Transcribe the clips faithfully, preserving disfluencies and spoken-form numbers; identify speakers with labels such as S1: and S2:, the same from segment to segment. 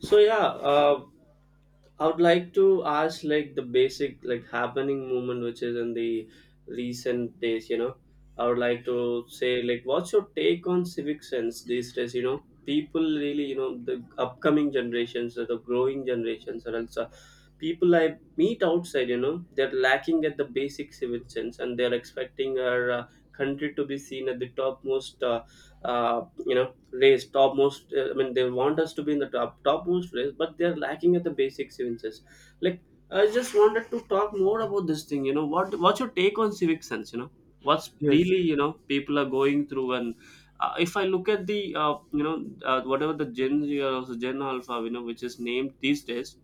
S1: So yeah, uh, I would like to ask like the basic like happening movement which is in the recent days. You know, I would like to say like, what's your take on civic sense these days? You know, people really you know the upcoming generations or the growing generations or else uh, people I meet outside. You know, they're lacking at the basic civic sense and they're expecting our uh, country to be seen at the topmost. Uh, uh, you know race, topmost. Uh, I mean, they want us to be in the top topmost race, but they are lacking at the basic civics. Like, I just wanted to talk more about this thing. You know, what what's your take on civic sense? You know, what's
S2: Yes,
S1: really you know people are going through and. Uh, if I look at the uh, you know uh, whatever the Gen Z or also Gen Alpha you know which is named these days,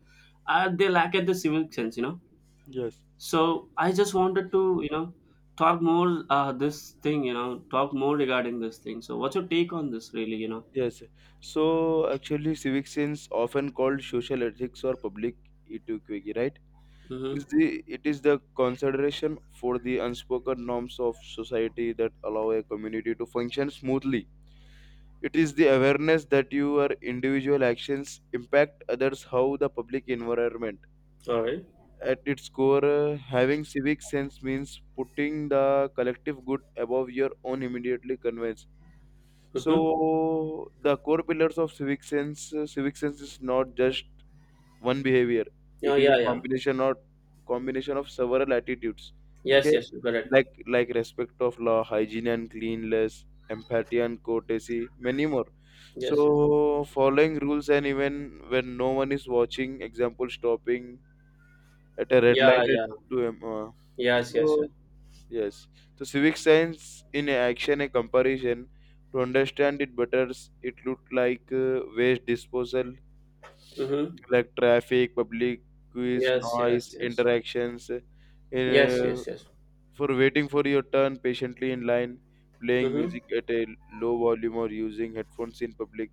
S1: uh, they lack at the civic sense you know.
S2: yes,
S1: So I just wanted to you know talk more uh, this thing you know talk more regarding this thing. So what's your take on this really you know?
S2: yes. So actually, civic sense often called social ethics or public etiquette, right?
S1: Mm-hmm.
S2: Is the it is the consideration for the unspoken norms of society that allow a community to function smoothly. It is the awareness that your individual actions impact others, how the public environment.
S1: All right.
S2: At its core, uh, having civic sense means putting the collective good above your own immediately convenience.
S1: Mm-hmm.
S2: So the core pillars of civic sense, uh, civic sense is not just one behavior.
S1: Yeah,
S2: It is
S1: yeah,
S2: a
S1: yeah.
S2: combination or combination of several attitudes.
S1: Yes,
S2: Okay,
S1: yes, you correct.
S2: like like respect of law, hygiene and cleanliness, empathy and courtesy, many more.
S1: Yes, yes.
S2: So following rules and even when no one is watching, example stopping at a red
S1: Yeah,
S2: light at
S1: yeah.
S2: to um, uh,
S1: Yes, yes, yes.
S2: so. Yes. So civic science in action, a comparison to understand it better. s- It looked like uh, waste disposal,
S1: Mm-hmm.
S2: like traffic, public quiz,
S1: Yes, yes,
S2: noise,
S1: yes.
S2: interactions. uh,
S1: Yes,
S2: uh,
S1: yes, yes.
S2: for waiting for your turn patiently in line, playing
S1: Mm-hmm.
S2: music at a low volume or using headphones in public.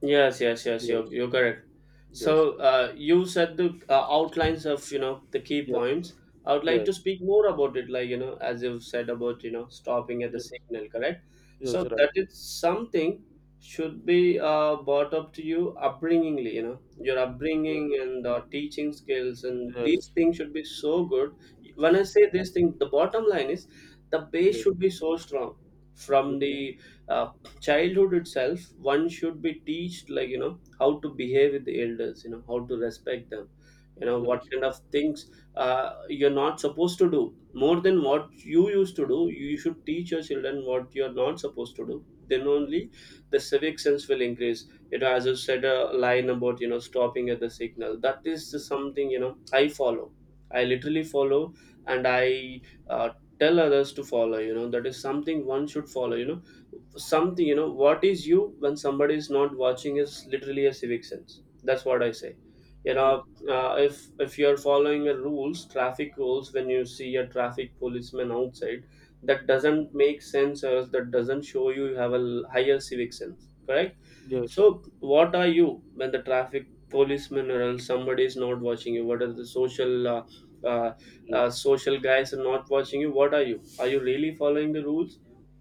S1: Yes, yes, yes. You're
S2: Yes.
S1: you're correct.
S2: Yes.
S1: So uh, you said the uh, outlines of you know the key
S2: Yes.
S1: points. I would like
S2: Yes.
S1: to speak more about it, like you know, as you've said about you know stopping at the
S2: Yes.
S1: signal, correct?
S2: Yes.
S1: So
S2: Right.
S1: that is something should be uh, brought up to you upbringingly, you know, your upbringing and uh, teaching skills, and
S2: Yes.
S1: these things should be so good. When I say this thing, the bottom line is the
S2: Yes.
S1: base
S2: Yes. Yes.
S1: should
S2: Yes.
S1: be so strong from the uh, childhood itself one should be teached like you know how to behave with the elders you know how to respect them you know what kind of things uh, you're not supposed to do more than what you used to do you should teach your children what you're not supposed to do then only the civic sense will increase you know as you said a line about you know stopping at the signal that is something you know I follow I literally follow and I uh, tell others to follow you know that is something one should follow you know something you know what is you when somebody is not watching is literally a civic sense that's what I say you
S2: Yes.
S1: know uh, if if you're following the rules traffic rules when you see a traffic policeman outside that doesn't make sense or else that doesn't show you you have a l- higher civic sense correct
S2: Yes.
S1: so what are you when the traffic policeman or else somebody is not watching you what are the social uh, uh,
S2: Yes.
S1: uh, social guys are not watching you what are you are you really following the rules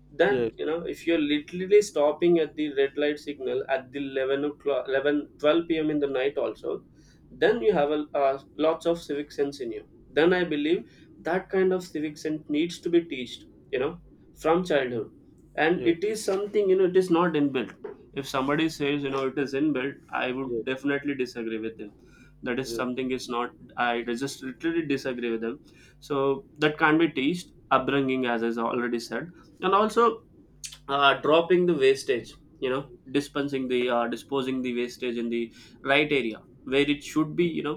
S1: then
S2: Yes.
S1: you know if you're literally stopping at the red light signal at the eleven o'clock eleven twelve p.m in the night also then you have a uh, lots of civic sense in you then I believe that kind of civic sense needs to be taught you know from childhood and
S2: Yes.
S1: it is something you know it is not inbuilt if somebody says you know it is inbuilt I would
S2: Yes,
S1: definitely disagree with them that is
S2: yes,
S1: something is not I just literally disagree with them so that can't be teached upbringing as I already said and also uh, dropping the wastage you know dispensing the uh, disposing the wastage in the right area where it should be you know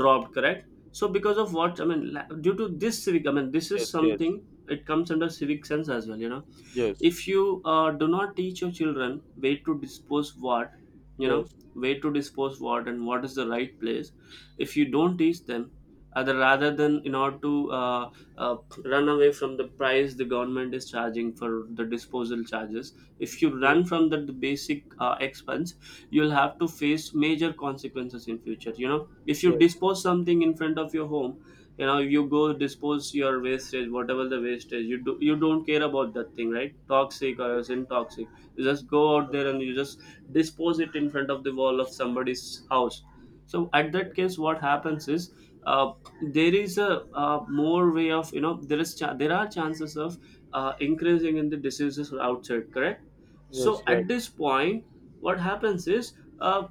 S1: dropped correct so because of what I mean la- due to this civic I mean this is
S2: yes,
S1: something it comes under civic sense as well you know
S2: yes,
S1: if you uh, do not teach your children where to dispose what you know
S2: yes, yes,
S1: where to dispose what and what is the right place if you don't teach them other rather than in order to uh, uh, run away from the price the government is charging for the disposal charges if you
S2: yes,
S1: run from the, the basic uh, expense you'll have to face major consequences in future you know if you
S2: yes,
S1: dispose something in front of your home you know you go dispose your wastage whatever the wastage you do you don't care about that thing right toxic or
S2: yes,
S1: else toxic you just go out there and you just dispose it in front of the wall of somebody's house so at that
S2: yes,
S1: case what happens is uh, there is a, uh more way of you know there is cha- there are chances of uh, increasing in the diseases outside correct so
S2: yes, right.
S1: at this point what happens is uh,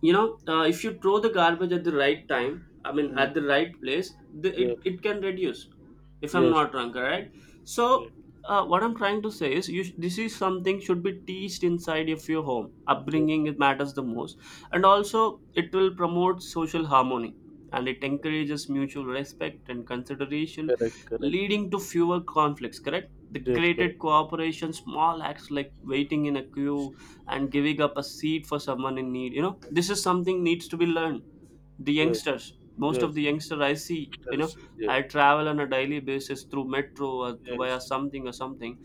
S1: you know uh, if you throw the garbage at the right time I mean at the
S2: Mm,
S1: right place the, it,
S2: yes,
S1: it can reduce if I'm
S2: yes,
S1: not wrong correct so
S2: right.
S1: uh, what I'm trying to say is you sh- this is something should be teached inside of your home
S2: Yes,
S1: upbringing it matters the most and also it will promote social harmony and it
S2: yes,
S1: encourages mutual respect and consideration
S2: correct, correct.
S1: leading to fewer conflicts correct the
S2: Yes, correct.
S1: created cooperation small acts like waiting in a queue and giving up a seat for someone in need you know this is something needs to be learned the
S2: Yes,
S1: youngsters most of
S2: yes,
S1: the youngsters I see you know
S2: yes, yes,
S1: I travel on a daily basis through metro or through via
S2: yes,
S1: something or something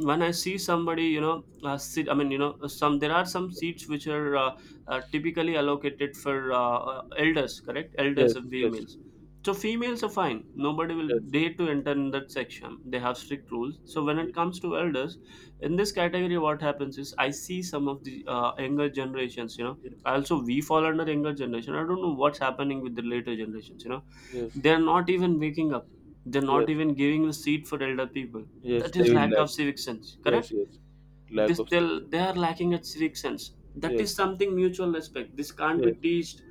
S1: when I see somebody, you know, uh, sit, I mean, you know, uh, some there are some seats which are uh, uh, typically allocated for uh, uh, elders, correct? Elders
S2: yes,
S1: and
S2: yes, yes,
S1: females. So females are fine. Nobody will dare to enter in that section. They have strict rules. So when it comes to elders, in this category, what happens is I see some of the uh, younger generations. You know, also we fall under younger generation. I don't know what's happening with the later generations. You know
S2: yes,
S1: they're not even waking up. They're
S2: yes,
S1: not
S2: yes,
S1: even giving a seat for elder people.
S2: yes,
S1: That
S2: they
S1: is
S2: will
S1: lack
S2: lack.
S1: of civic sense.
S2: Yes,
S1: Correct?
S2: yes, lack
S1: This
S2: of
S1: they'll, they are
S2: success.
S1: lacking at civic sense. That
S2: Yes,
S1: is something mutual respect. This can't be
S2: yes,
S1: teached.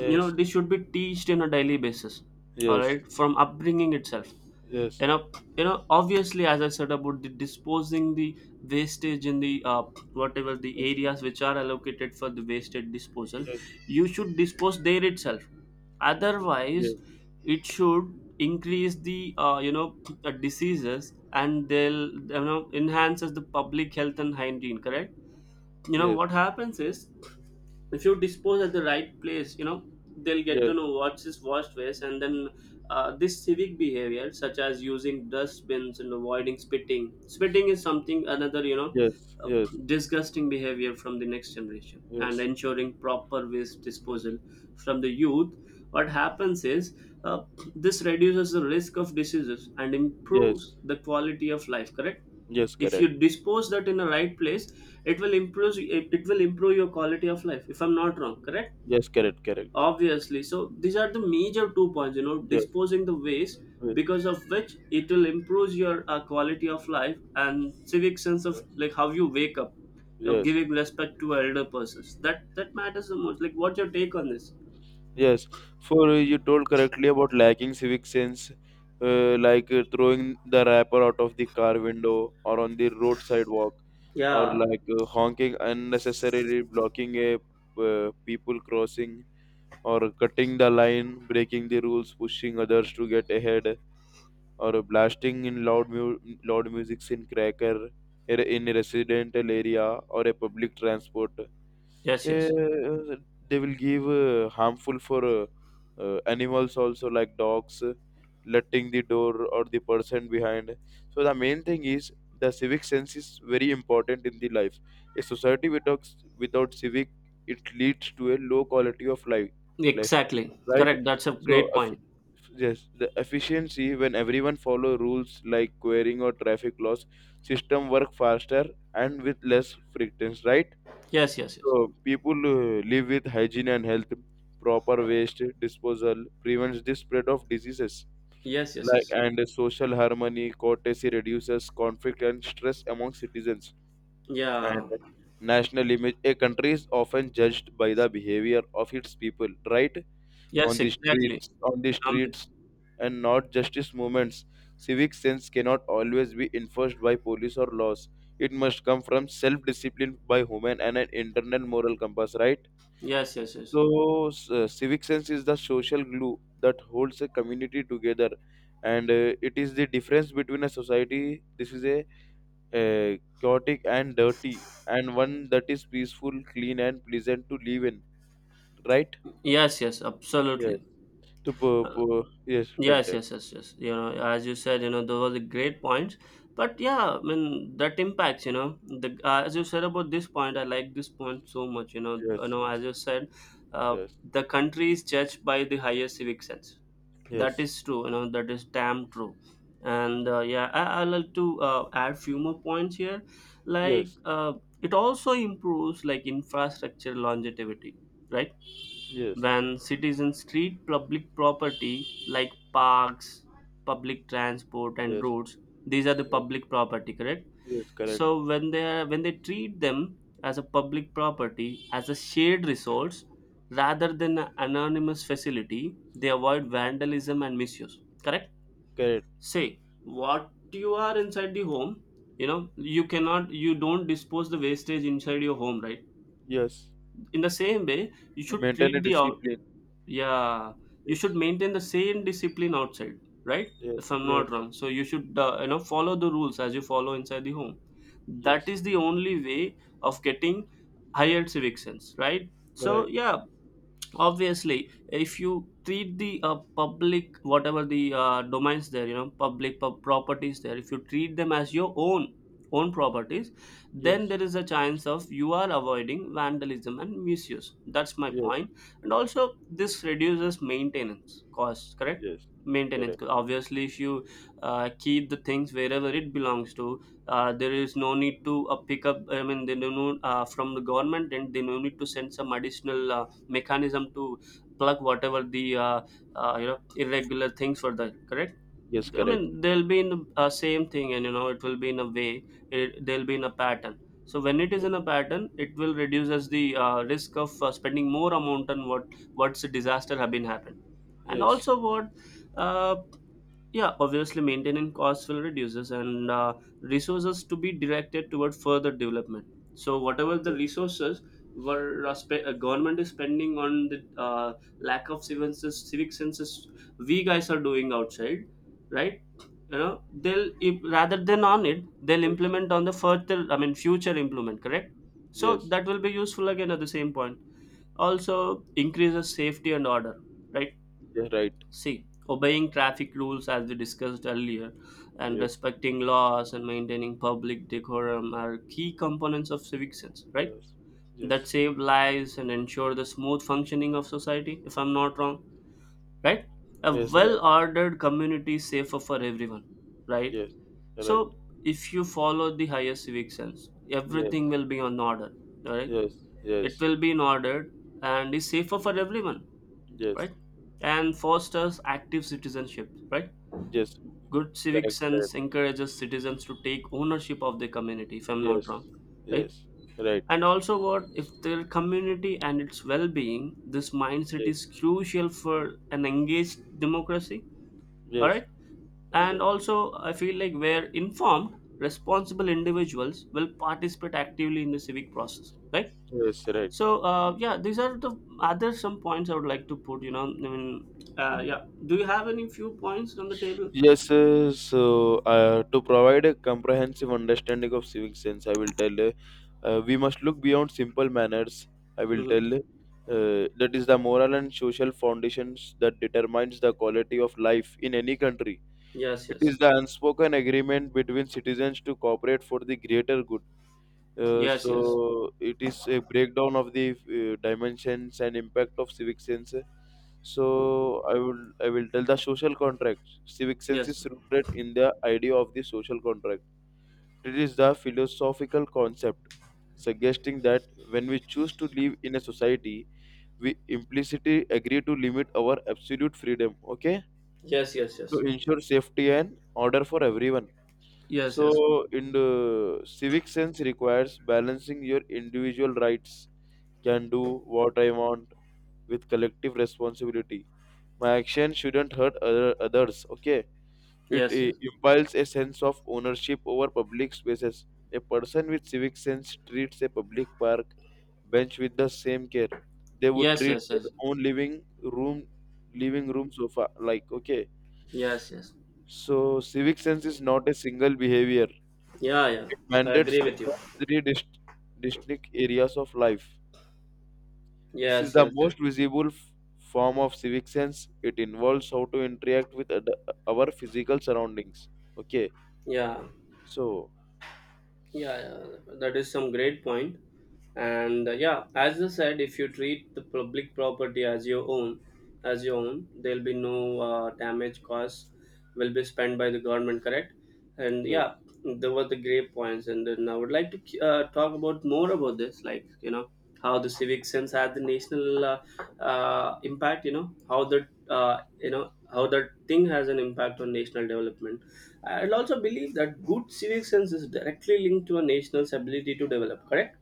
S1: You know, this
S2: yes,
S1: should be teached in a daily basis. All
S2: yes,
S1: right, from upbringing itself.
S2: yes, yes,
S1: You know, you know. Obviously, as I said about the disposing the wastage in the uh, whatever the areas which are allocated for the wasted disposal, you should dispose there itself
S2: yes,
S1: otherwise it should increase the uh, you know uh, diseases and they'll you know enhances the public health and hygiene correct you know
S2: yes,
S1: what
S2: yes.
S1: happens is if you dispose at the right place you know they'll get
S2: Yes.
S1: to know what's is washed waste and then uh, this civic behavior such as using dustbins and avoiding spitting spitting is something another you know
S2: Yes,
S1: uh,
S2: yes,
S1: disgusting behavior from the next generation and
S2: yes,
S1: ensuring proper waste
S2: yes,
S1: disposal from the youth what happens is uh, this reduces the risk of diseases and
S2: yes,
S1: improves the quality of life correct
S2: yes,
S1: if you
S2: correct.
S1: dispose that in the right place it will improve it, it will improve your quality of life if I'm not wrong correct
S2: Yes, correct, correct, bro.
S1: obviously so these are the major two points you know
S2: Yes,
S1: disposing the waste
S2: yes,
S1: because of which it will improve your uh, quality of life and civic sense of like
S2: yes,
S1: how you wake up you know
S2: yes.
S1: giving respect to elder persons that that matters the most like what's your take on this
S2: Yes. For uh, you told correctly about lacking civic sense, uh, like uh, throwing the wrapper out of the car window or on the road sidewalk, or
S1: yeah
S2: like uh, honking unnecessarily, blocking a uh, people crossing, or cutting the line, breaking the rules, pushing others to get ahead, or blasting in loud mu- loud music in cracker in a residential area or a public transport. uh,
S1: yes yes
S2: they will give uh, harmful for uh, uh, animals also like dogs. Uh, letting the door or the person behind. So the main thing is the civic sense is very important in the life. A society without without civic, it leads to a low quality of life. Life,
S1: exactly
S2: right?
S1: correct that's a
S2: So,
S1: great
S2: if,
S1: point
S2: yes, the efficiency when everyone follow rules like querying or traffic laws, system work faster and with less frictions, right?
S1: yes yes yes
S2: So people uh, live with hygiene and health. Proper waste disposal prevents the spread of diseases.
S1: yes yes
S2: Like
S1: yes
S2: and social harmony, courtesy reduces conflict and stress among citizens. And
S1: yeah
S2: national image, a country is often judged by the behavior of its people, right? On
S1: yes
S2: the
S1: exactly
S2: streets, on the
S1: I'm with
S2: streets, and not justice movements. Civic sense cannot always be enforced by police or laws. It must come from self-discipline by human and an internal moral compass, right?
S1: you. Yes, yes, yes.
S2: So, s- uh, civic sense is the social glue that holds a community together, and uh, it is the difference between a society. This is a uh, chaotic and dirty, and one that is peaceful, clean, and pleasant to live in. Right?
S1: Yes, yes,
S2: Yes.
S1: absolutely.
S2: To pu-
S1: Uh,
S2: pu- yes, tell
S1: yes,
S2: tell.
S1: yes, yes, yes. You know, as you said, you know, those are the great points. But yeah, I mean, that impacts, you know, the uh, as you said about this point, I like this point so much, you know, you
S2: Yes,
S1: know,
S2: yes,
S1: as you said, uh,
S2: yes,
S1: the country is judged by the higher civic sense. That
S2: yes,
S1: is true, you know, that is damn true. And uh, yeah, I, I like to uh, add few more points here. Like,
S2: yes,
S1: uh, it also improves like infrastructure longevity, right?
S2: yes,
S1: When citizens treat public property like parks, public transport, and
S2: yes,
S1: roads. These are the
S2: yes,
S1: public property, correct?
S2: yes, correct,
S1: So when they are, when they treat them as a public property, as a shared resource rather than an anonymous facility, they avoid vandalism and misuse. Correct?
S2: correct,
S1: Say what you are inside the home. You know you cannot, you don't dispose the wastage inside your home, right?
S2: yes.
S1: In the same way, you should
S2: Maintain a
S1: treat the,
S2: discipline.
S1: yeah, you
S2: Yes,
S1: should maintain the same discipline outside, right?
S2: yes,
S1: If I'm
S2: yes,
S1: not wrong. So you should uh, you know follow the rules as you follow inside the home. That
S2: yes,
S1: is the only way of getting higher civic sense, right? So
S2: right,
S1: yeah, obviously if you treat the uh, public, whatever the uh, domains there, you know, public pub- properties there, if you treat them as your own own properties, then
S2: yes,
S1: there is a chance of you are avoiding vandalism and misuse. That's my
S2: yes,
S1: point. And also this reduces maintenance costs, correct?
S2: yes,
S1: Maintenance
S2: correct,
S1: co- obviously if you uh, keep the things wherever it belongs to, uh, there is no need to uh, pick up, I mean they do not uh, from the government, and they no need to send some additional uh, mechanism to plug whatever the uh, uh, you know irregular things were there, correct?
S2: yes,
S1: I
S2: correct,
S1: mean they'll be in the uh, same thing and you know it will be in a way, it, they'll be in a pattern. So when it is
S2: yes,
S1: in a pattern it will reduce reduces the uh, risk of uh, spending more amount on what what's a disaster have been happened. And
S2: yes, yes,
S1: also what uh, yeah, obviously, maintaining costs will reduces and uh, resources to be directed toward further development. So, whatever the resources were uh, spe- uh, government is spending on the uh, lack of civic sense, civic senses we guys are doing outside, right? You know, they'll if, rather than on it, they'll
S2: yes,
S1: implement on the further. I mean, future implement. Correct. So
S2: yes,
S1: that
S2: yes,
S1: will be useful again at the same point. Also, increases safety and order, right?
S2: right,
S1: See, obeying traffic rules, as we discussed earlier, and
S2: yes,
S1: respecting laws and maintaining public decorum are key components of civic sense, right?
S2: yes, yes,
S1: That save lives and ensure the smooth functioning of society, if I'm not wrong, right? A
S2: yes, right,
S1: well ordered community is safer for everyone, right?
S2: yes, right,
S1: So, if you follow the higher civic sense,
S2: yes,
S1: everything will be on order, all right? It
S2: yes,
S1: will be in order and is safer for everyone,
S2: yes, yes,
S1: right? And fosters active citizenship, right?
S2: yes,
S1: Good civic
S2: correct, correct,
S1: sense encourages citizens to take ownership of their community, if I'm not
S2: yes,
S1: wrong, right?
S2: yes, right.
S1: And also, what if their community and its well being, this mindset
S2: Yes.
S1: is crucial for an engaged democracy, all
S2: Yes,
S1: right? And
S2: right.
S1: also, I feel like where informed, responsible individuals will participate actively in the civic process, right?
S2: Yes, right.
S1: So, uh, yeah, these are the other some points I would like to put, you know. I mean, uh, yeah, do you have any few points on the table?
S2: Yes, uh, so uh, to provide a comprehensive understanding of civic sense, I will tell uh, uh, we must look beyond simple manners. I will
S1: Hmm.
S2: tell uh, that is the moral and social foundations that determines the quality of life in any country.
S1: Yes,
S2: It
S1: yes.
S2: is the unspoken agreement between citizens to cooperate for the greater good. Uh,
S1: Yes, yes,
S2: so it is a breakdown of the uh, dimensions and impact of civic sense. So I will I will tell the social contract. Civic sense
S1: yes,
S2: is rooted in the idea of the social contract. It is the philosophical concept suggesting that when we choose to live in a society, we implicitly agree to limit our absolute freedom. Okay,
S1: yes, yes,
S2: to
S1: yes,
S2: ensure safety and order for everyone.
S1: yes,
S2: So, in the civic sense, requires balancing your individual rights, can do what I want, with collective responsibility. My action shouldn't hurt other, others. Okay, it
S1: yes, yes,
S2: uh, impiles a sense of ownership over public spaces. A person with civic sense treats a public park bench with the same care they would
S1: yes,
S2: treat
S1: yes, yes,
S2: their
S1: yes,
S2: own living room living room sofa, like, okay.
S1: yes, yes.
S2: So civic sense is not a single behavior,
S1: Yeah, yeah, I
S2: mandates
S1: agree with you.
S2: across three dist- distinct areas of life. This is
S1: Yes,
S2: the
S1: yes, yes.
S2: most visible f- form of civic sense. It involves how to interact with ad- our physical surroundings. Okay,
S1: Yeah,
S2: so
S1: yeah, yeah. That is some great point. And uh, yeah, as I said, if you treat the public property as your own, as your own, there'll be no uh, damage costs will be spent by the government. Correct? And
S2: yes,
S1: yeah, there were the great points and then I would like to uh, talk about more about this, like, you know, how the civic sense had the national uh, uh, impact. You know how the, uh, you know, how that thing has an impact on national development. I'll also believe that good civic sense is directly linked to a nation's ability to develop, correct,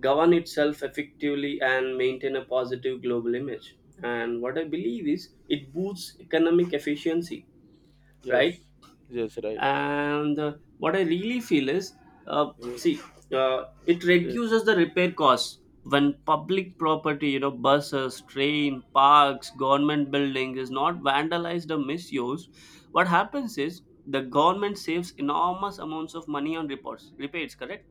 S1: govern itself effectively and maintain a positive global image. And what I believe is it boosts economic efficiency, right?
S2: yes, yes, right,
S1: And uh, what I really feel is, uh,
S2: yes,
S1: see, uh, it
S2: yes,
S1: reduces the repair costs when public property, you know, buses, train, parks, government buildings is not vandalized or misused. What happens is the government saves enormous amounts of money on reports repairs, correct?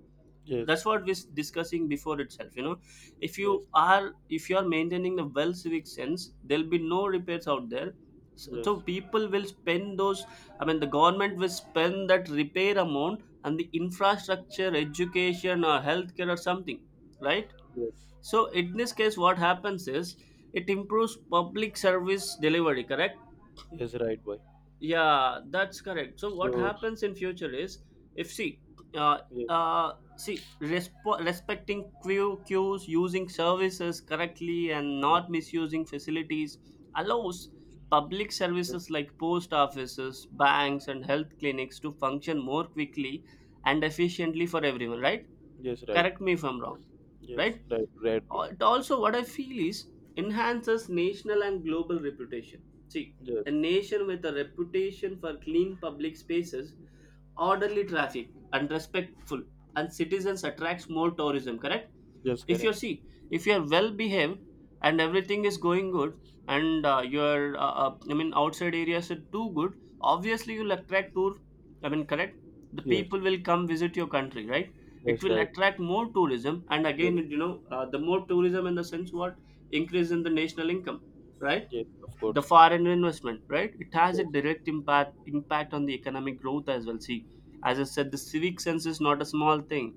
S2: yes,
S1: That's what we're discussing before itself, you know. If you
S2: yes,
S1: are, if you are maintaining the well civic sense, there'll be no repairs out there. So, so
S2: yes,
S1: people will spend those, I mean, the government will spend that repair amount and the infrastructure, education, or healthcare, or something, right?
S2: yes,
S1: So, in this case, what happens is it improves public service delivery, correct?
S2: yes, right, boy.
S1: Yeah, that's correct. So what
S2: So
S1: happens in future is, if see, uh,
S2: yes,
S1: uh, see, resp- respecting queue queues, using services correctly, and not
S2: yes,
S1: misusing facilities allows public
S2: yes,
S1: services like post offices, banks, and health clinics to function more quickly and efficiently for everyone. Right?
S2: yes, right,
S1: Correct me if I'm wrong.
S2: yes,
S1: Right?
S2: right, right, bro.
S1: Al- also what I feel is enhances national and global reputation. See, a
S2: Yes,
S1: nation with a reputation for clean public spaces, orderly traffic and respectful and citizens attracts more tourism, correct?
S2: yes,
S1: If you
S2: correct.
S1: see, if you are well behaved and everything is going good and uh, your uh, uh, I mean outside areas are too good, obviously you'll attract tour, I mean correct, the
S2: Yes,
S1: people will come visit your country, right?
S2: yes,
S1: It will
S2: right.
S1: attract more tourism and
S2: Yes,
S1: again, you know, uh, the more tourism in the sense what, increase in the national income, right?
S2: yes, of
S1: The
S2: course.
S1: foreign investment, right? It has a
S2: Yes,
S1: direct impact impact on the economic growth as well. See, as I said, the civic sense is not a small thing.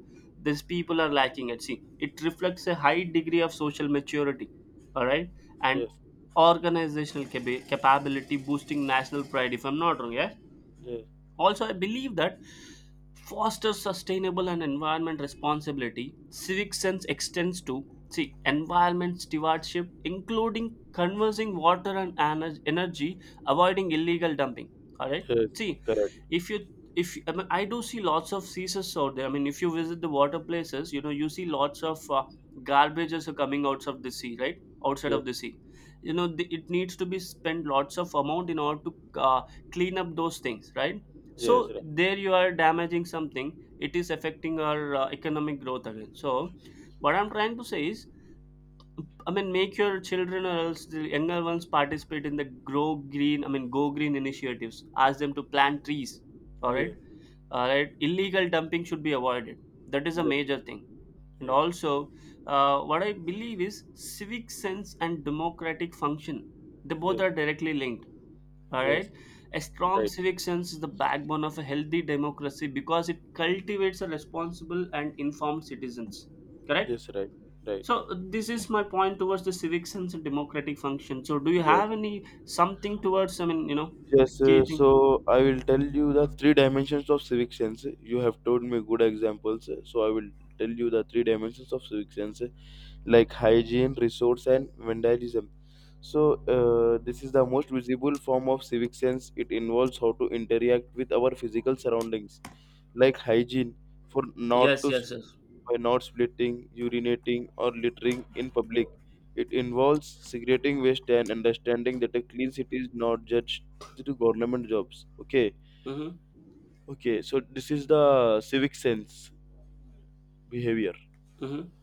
S1: These people are lacking it. See, it reflects a high degree of social maturity, all right? And
S2: yes,
S1: organizational capa- capability, boosting national pride, if I'm not wrong. Yes,
S2: yes.
S1: also I believe that fosters sustainable and environment responsibility. Civic sense extends to, see, environment stewardship, including conserving water and ener- energy, avoiding illegal dumping. All right.
S2: Yes,
S1: See,
S2: correct.
S1: if you, if I, mean, I do see lots of ceases out there. I mean, if you visit the water places, you know you see lots of uh, garbages are coming out of the sea, right? Outside
S2: Yes,
S1: of the sea, you know the, it needs to be spent lots of amount in order to uh, clean up those things, right?
S2: yes,
S1: So
S2: right.
S1: there you are damaging something, it is affecting our uh, economic growth again. So what I'm trying to say is, I mean, make your children or else the younger ones participate in the grow green, I mean go green initiatives, ask them to plant trees, all right?
S2: Yes,
S1: All right, illegal dumping should be avoided. That is a
S2: yes,
S1: major thing. And
S2: yes,
S1: also, uh, what I believe is civic sense and democratic function, they both
S2: yes,
S1: are directly linked, all
S2: yes,
S1: right. A strong
S2: right.
S1: civic sense is the backbone of a healthy democracy because it cultivates a responsible and informed citizens. Correct?
S2: Yes, right, right.
S1: So this is my point towards the civic sense and democratic function. So do you
S2: Yes,
S1: have any something towards, I mean, you know, the
S2: yes. Uh,
S1: key thing?
S2: so I will tell you the three dimensions of civic sense. You have told me good examples, uh, so I will tell you the three dimensions of civic sense, uh, like hygiene, resource, and vandalism. So uh, this is the most visible form of civic sense. It involves how to interact with our physical surroundings, like hygiene, for not
S1: Yes,
S2: to
S1: yes, yes.
S2: by not splitting, urinating, or littering in public. It involves segregating waste and understanding that a clean city is not judged through government jobs. Okay,
S1: Mm-hmm.
S2: okay. So this is the civic sense behavior.
S1: Mm-hmm.